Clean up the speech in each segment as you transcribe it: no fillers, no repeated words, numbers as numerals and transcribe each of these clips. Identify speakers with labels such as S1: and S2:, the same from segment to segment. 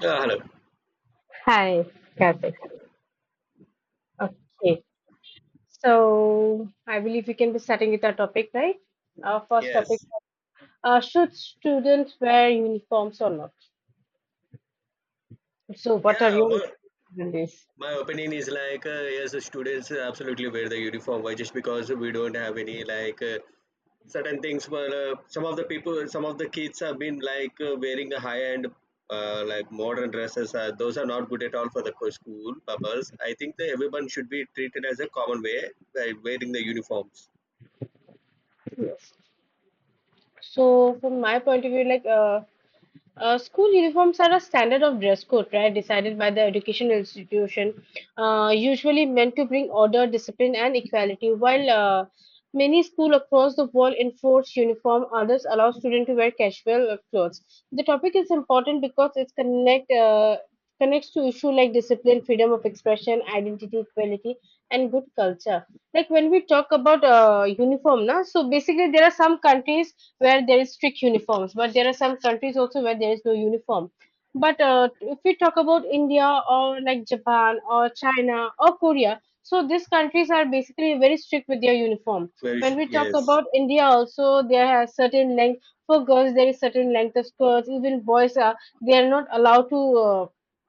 S1: Yeah, hello.
S2: Hi, Karthik. Okay, so I believe we can be starting with our topic, right? Our first topic:
S1: Yes.
S2: should students wear uniforms or not? So, what are
S1: Yeah,
S2: your
S1: but
S2: opinions on this?
S1: my opinion is like, yes, the students absolutely wear the uniform. Why? Just because we don't have any like certain things. But some of the people, some of the kids have been like wearing a high end, like modern dresses. Those are not good at all for the school purpose. I think that everyone should be treated as a common way by wearing the uniforms.
S2: Yes. So, from my point of view, school uniforms are a standard of dress code, right, decided by the educational institution, usually meant to bring order, discipline, and equality. While many schools across the world enforce uniform, others allow students to wear casual clothes. The topic is important because it connects to issues like discipline, freedom of expression, identity, equality, and good culture, like when we talk about uniform na. So basically there are some countries where there is strict uniforms, but there are some countries also where there is no uniform. But if we talk about India or like Japan or China or Korea, so these countries are basically very strict with their uniform. When we talk
S1: Yes,
S2: about India also, there are certain length for girls, there is certain length of skirts. Even boys are, they are not allowed to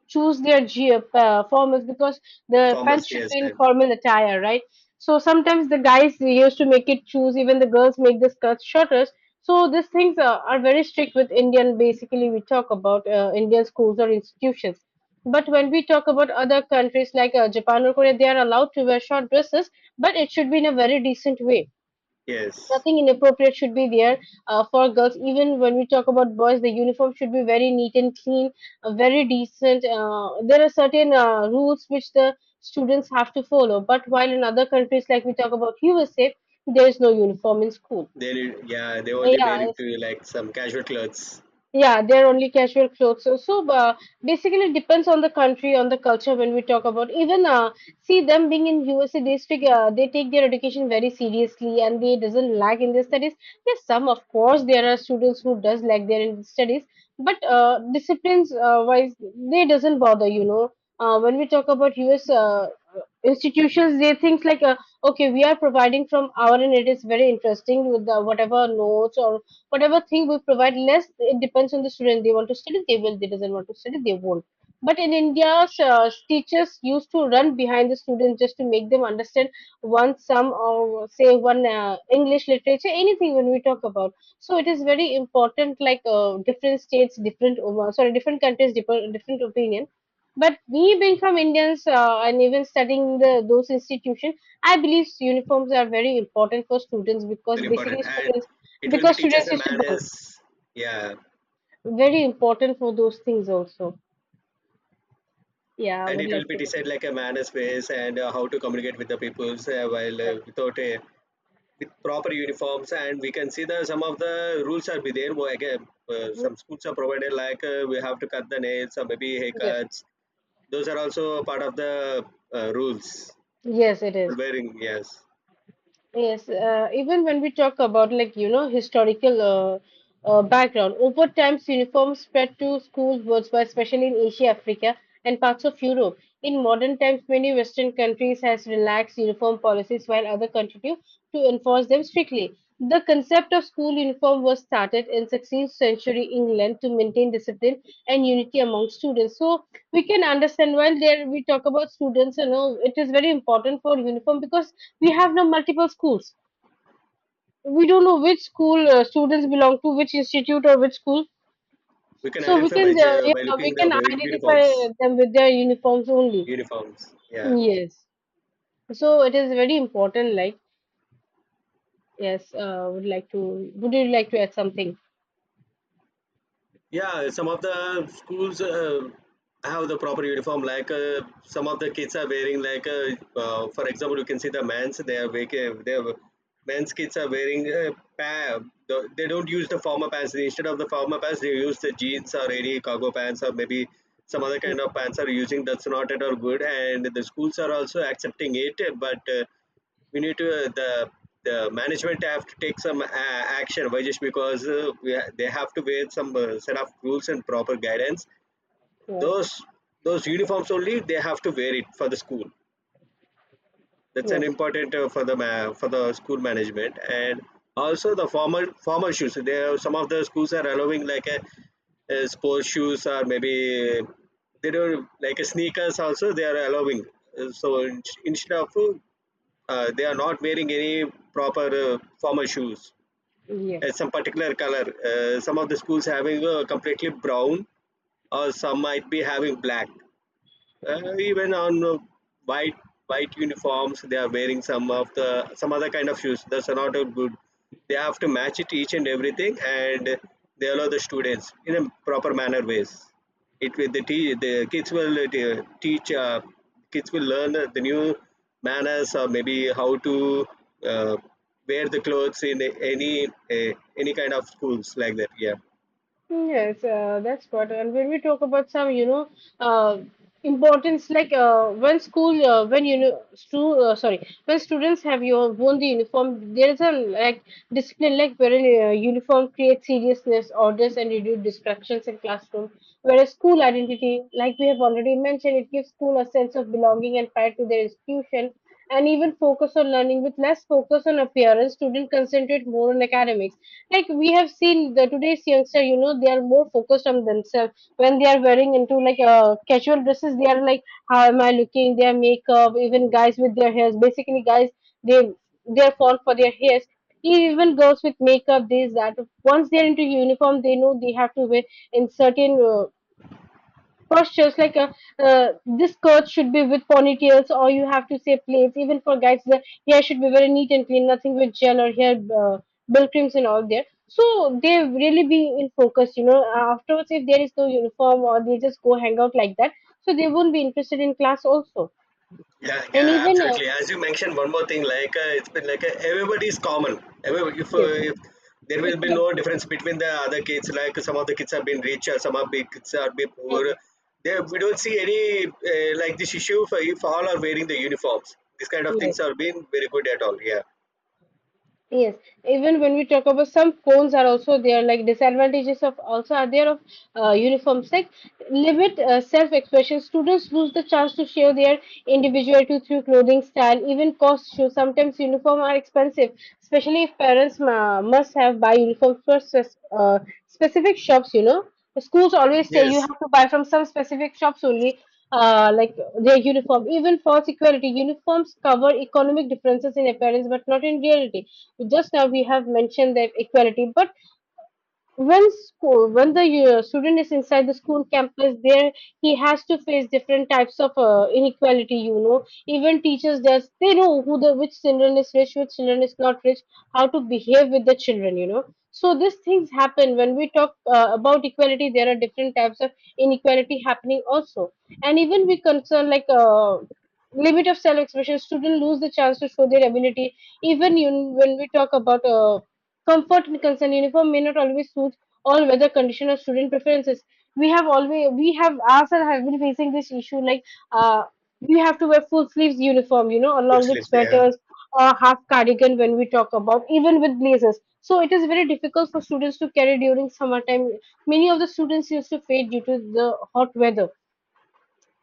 S2: choose their formals, because the
S1: formals.
S2: pants should
S1: Yes,
S2: be in
S1: and
S2: formal attire, right? So sometimes the guys used to make it choose, even the girls make the skirts shorter. So these things are very strict with Indian. Basically, we talk about Indian schools or institutions. But when we talk about other countries like Japan or Korea, they are allowed to wear short dresses, but it should be in a very decent way.
S1: yes.
S2: Nothing inappropriate should be there for girls. Even when we talk about boys, the uniform should be very neat and clean, very decent. There are certain rules which the students have to follow. But while in other countries, like we talk about USA, there is no uniform in school.
S1: They Yeah, they only
S2: Yeah,
S1: wearing to like some casual clothes.
S2: yeah, they're only casual clothes. So basically, it depends on the country, on the culture. When we talk about even see them being in USA, they take their education very seriously, and they doesn't lag in their studies. Yes, some, of course, there are students who does lag their in studies, but disciplines wise, they doesn't bother. You know, when we talk about US institutions, they things like okay, we are providing from our end. It is very interesting with the, whatever notes or whatever thing we provide, less it depends on the student. They want to study, they will. They doesn't want to study, they won't. But in India, teachers used to run behind the students just to make them understand one sum or say one English literature, anything when we talk about. So it is very important, like different states different sorry, different countries different, different opinion. But me being from Indians, and even studying the those institutions, I believe uniforms are very important for students, because
S1: Very important,
S2: basically
S1: and
S2: students,
S1: it will be
S2: because
S1: teaches
S2: students
S1: the
S2: used to bunk.
S1: manners, yeah,
S2: Very important for those things also. Yeah, I
S1: and
S2: would
S1: it will
S2: like
S1: be
S2: to
S1: decide like a manners ways and how to communicate with the peoples while without a with proper uniforms, and we can see the some of the rules are be there. Well, again,
S2: understand.
S1: some schools are provided like we have to cut the nails or maybe
S2: Mhm. Yes.
S1: haircuts. Those are also part of the rules
S2: Yes, it
S1: for
S2: is.
S1: wearing, yes.
S2: Yes, even when we talk about like you know historical background, over time uniforms spread to schools worldwide, especially in Asia, Africa, and parts of Europe. In modern times, many Western countries has relaxed uniform policies while other continue to enforce them strictly. The concept of school uniform was started in 16th century England to maintain discipline and unity among students. So we can understand, while there we talk about students, you know it is very important for uniform, because we have now multiple schools, we don't know which school students belong to, which institute or which school.
S1: We can
S2: So we
S1: identify
S2: can
S1: by,
S2: yeah,
S1: by
S2: we
S1: looking the
S2: can identify
S1: uniforms,
S2: them with their uniforms only.
S1: uniforms, yeah.
S2: Yes, so it is very important. Like, yes, would like to, would you like to add something?
S1: Yeah, some of the schools have the proper uniform. Like some of the kids are wearing, like for example, you can see the men's. They are wearing, they have men's kids are wearing, pa- they don't use the formal pants. Instead of the formal pants, they use the jeans or any cargo pants or maybe some other kind of pants are using. That's not at all good. And the schools are also accepting it, but. We need to the management have to take some action. Why? Just because they have to wear some set of rules and proper guidance.
S2: Yes.
S1: those those uniforms only they have to wear it for the school. That's an
S2: Yes.
S1: important for the school management. And also the formal shoes there, some of the schools are allowing like a sports shoes or maybe they don't like a sneakers also they are allowing. So, instead of, they are not wearing any proper formal shoes.
S2: Yes.
S1: Some particular color, some of the schools having completely brown or some might be having black, even on white. White uniforms, they are wearing some of the some other kind of shoes. That's not a good. They have to match it each and everything, and they allow the students in a proper manner ways. It will, the kids will teach, kids will learn the new manners or maybe how to uh, wear the clothes in any kind of schools like that. Yeah.
S2: Yes, that's what. And when we talk about some, you know, uh, importance, like when school, when you know, when students have your worn the uniform, there is a like discipline, like wherein uniform creates seriousness, orders, and reduce distractions in classroom. Whereas school identity, like we have already mentioned, it gives school a sense of belonging and pride to their institution, and even focus on learning. With less focus on appearance, students concentrate more on academics. Like we have seen the today's youngster, you know they are more focused on themselves. When they are wearing into like casual dresses, they are like how am I looking, their makeup. Even guys with their hairs, basically guys, they they fall for their hairs. Even girls with makeup, this that. Once they're into uniform, they know they have to wear in certain postures, like this skirt should be with ponytails or you have to say plaits. Even for guys, the hair should be very neat and clean, nothing with gel or hair, uh, bill creams and all there. So they really be in focus, you know. Afterwards if there is no uniform or they just go hang out like that, so they won't be interested in class also.
S1: Yeah,
S2: And
S1: yeah,
S2: even
S1: absolutely. As you mentioned, one more thing, like it's been like everybody is common. Every
S2: yes,
S1: if there will be no
S2: equality.
S1: difference between the other kids, like some of the kids have been rich, some of the kids are been poor.
S2: Hmm,
S1: There, we don't see any like this issue, for if all are wearing the uniforms. These kind of
S2: yes.
S1: things are being very good at all. Yeah.
S2: Yes, even when we talk about some cons are also there, like disadvantages of also are there of uniform sex. Limit self-expression. Students lose the chance to share their individuality through clothing style, even cost shoes. Sometimes uniform are expensive, especially if parents must have buy uniforms for specific shops. You know, schools always say you
S1: Yes.
S2: have to buy from some specific shops only. Like their uniform, even false equality uniforms cover economic differences in appearance, but not in reality. Just now we have mentioned that equality, but when school, when the student is inside the school campus there, he has to face different types of inequality, you know. Even teachers there's they know who the, which children is rich, which children is not rich, how to behave with the children, you know. So these things happen when we talk about equality. There are different types of inequality happening also. And even we concern like limit of self-expression, students lose the chance to show their ability. Even you, when we talk about comfort and concern, uniform may not always suit all weather condition or student preferences. We have always, we have ourselves have been facing this issue, like uh, we have to wear full sleeves uniform, you know,
S1: Full
S2: along with
S1: sleeves. Yeah.
S2: sweaters or half cardigan when we talk about, even with blazers. So it is very difficult for students to carry during summertime. Many of the students used to fade due to the hot weather.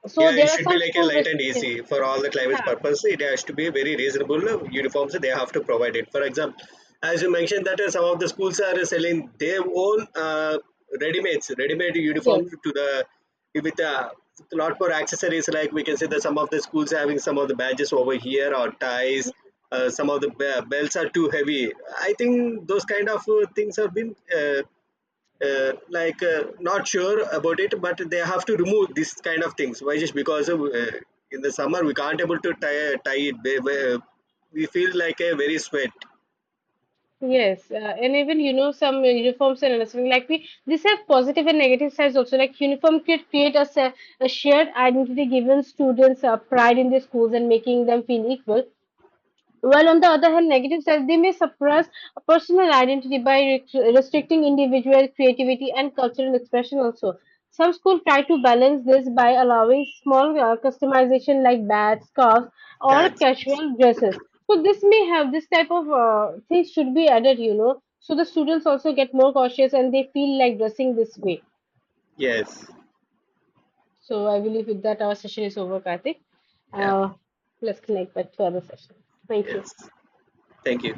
S2: So
S1: Yeah, it
S2: there are
S1: should be
S2: some
S1: like a
S2: school
S1: light and
S2: restrictions.
S1: easy for all the climate's
S2: Yeah.
S1: purpose. It has to be very reasonable uniforms they have to provide it. For example, as you mentioned that some of the schools are selling their own ready-made
S2: Yes.
S1: uniforms to the with a lot more accessories. Like we can say that some of the schools having some of the badges over here or ties. Some of the belts are too heavy. I think those kind of things have been not sure about it, but they have to remove this kind of things. Why? Just because of, in the summer we can't able to tie it, we feel like a very sweat.
S2: Yes, and even you know some uniforms and understanding, like we these have positive and negative sides also. Like uniform could create a shared identity, giving students pride in their schools and making them feel equal. While on the other hand, negative sides, they may suppress a personal identity by restricting individual creativity and cultural expression also. Some schools try to balance this by allowing small customization like bats, scarves, or
S1: That's, yes,
S2: casual dresses. So this may have, this type of things should be added, you know. So the students also get more cautious and they feel like dressing this way.
S1: yes,
S2: So I believe with that our session is over, Karthik.
S1: yeah,
S2: Uh, let's connect back to other session. Thank you.
S1: yes, thank you.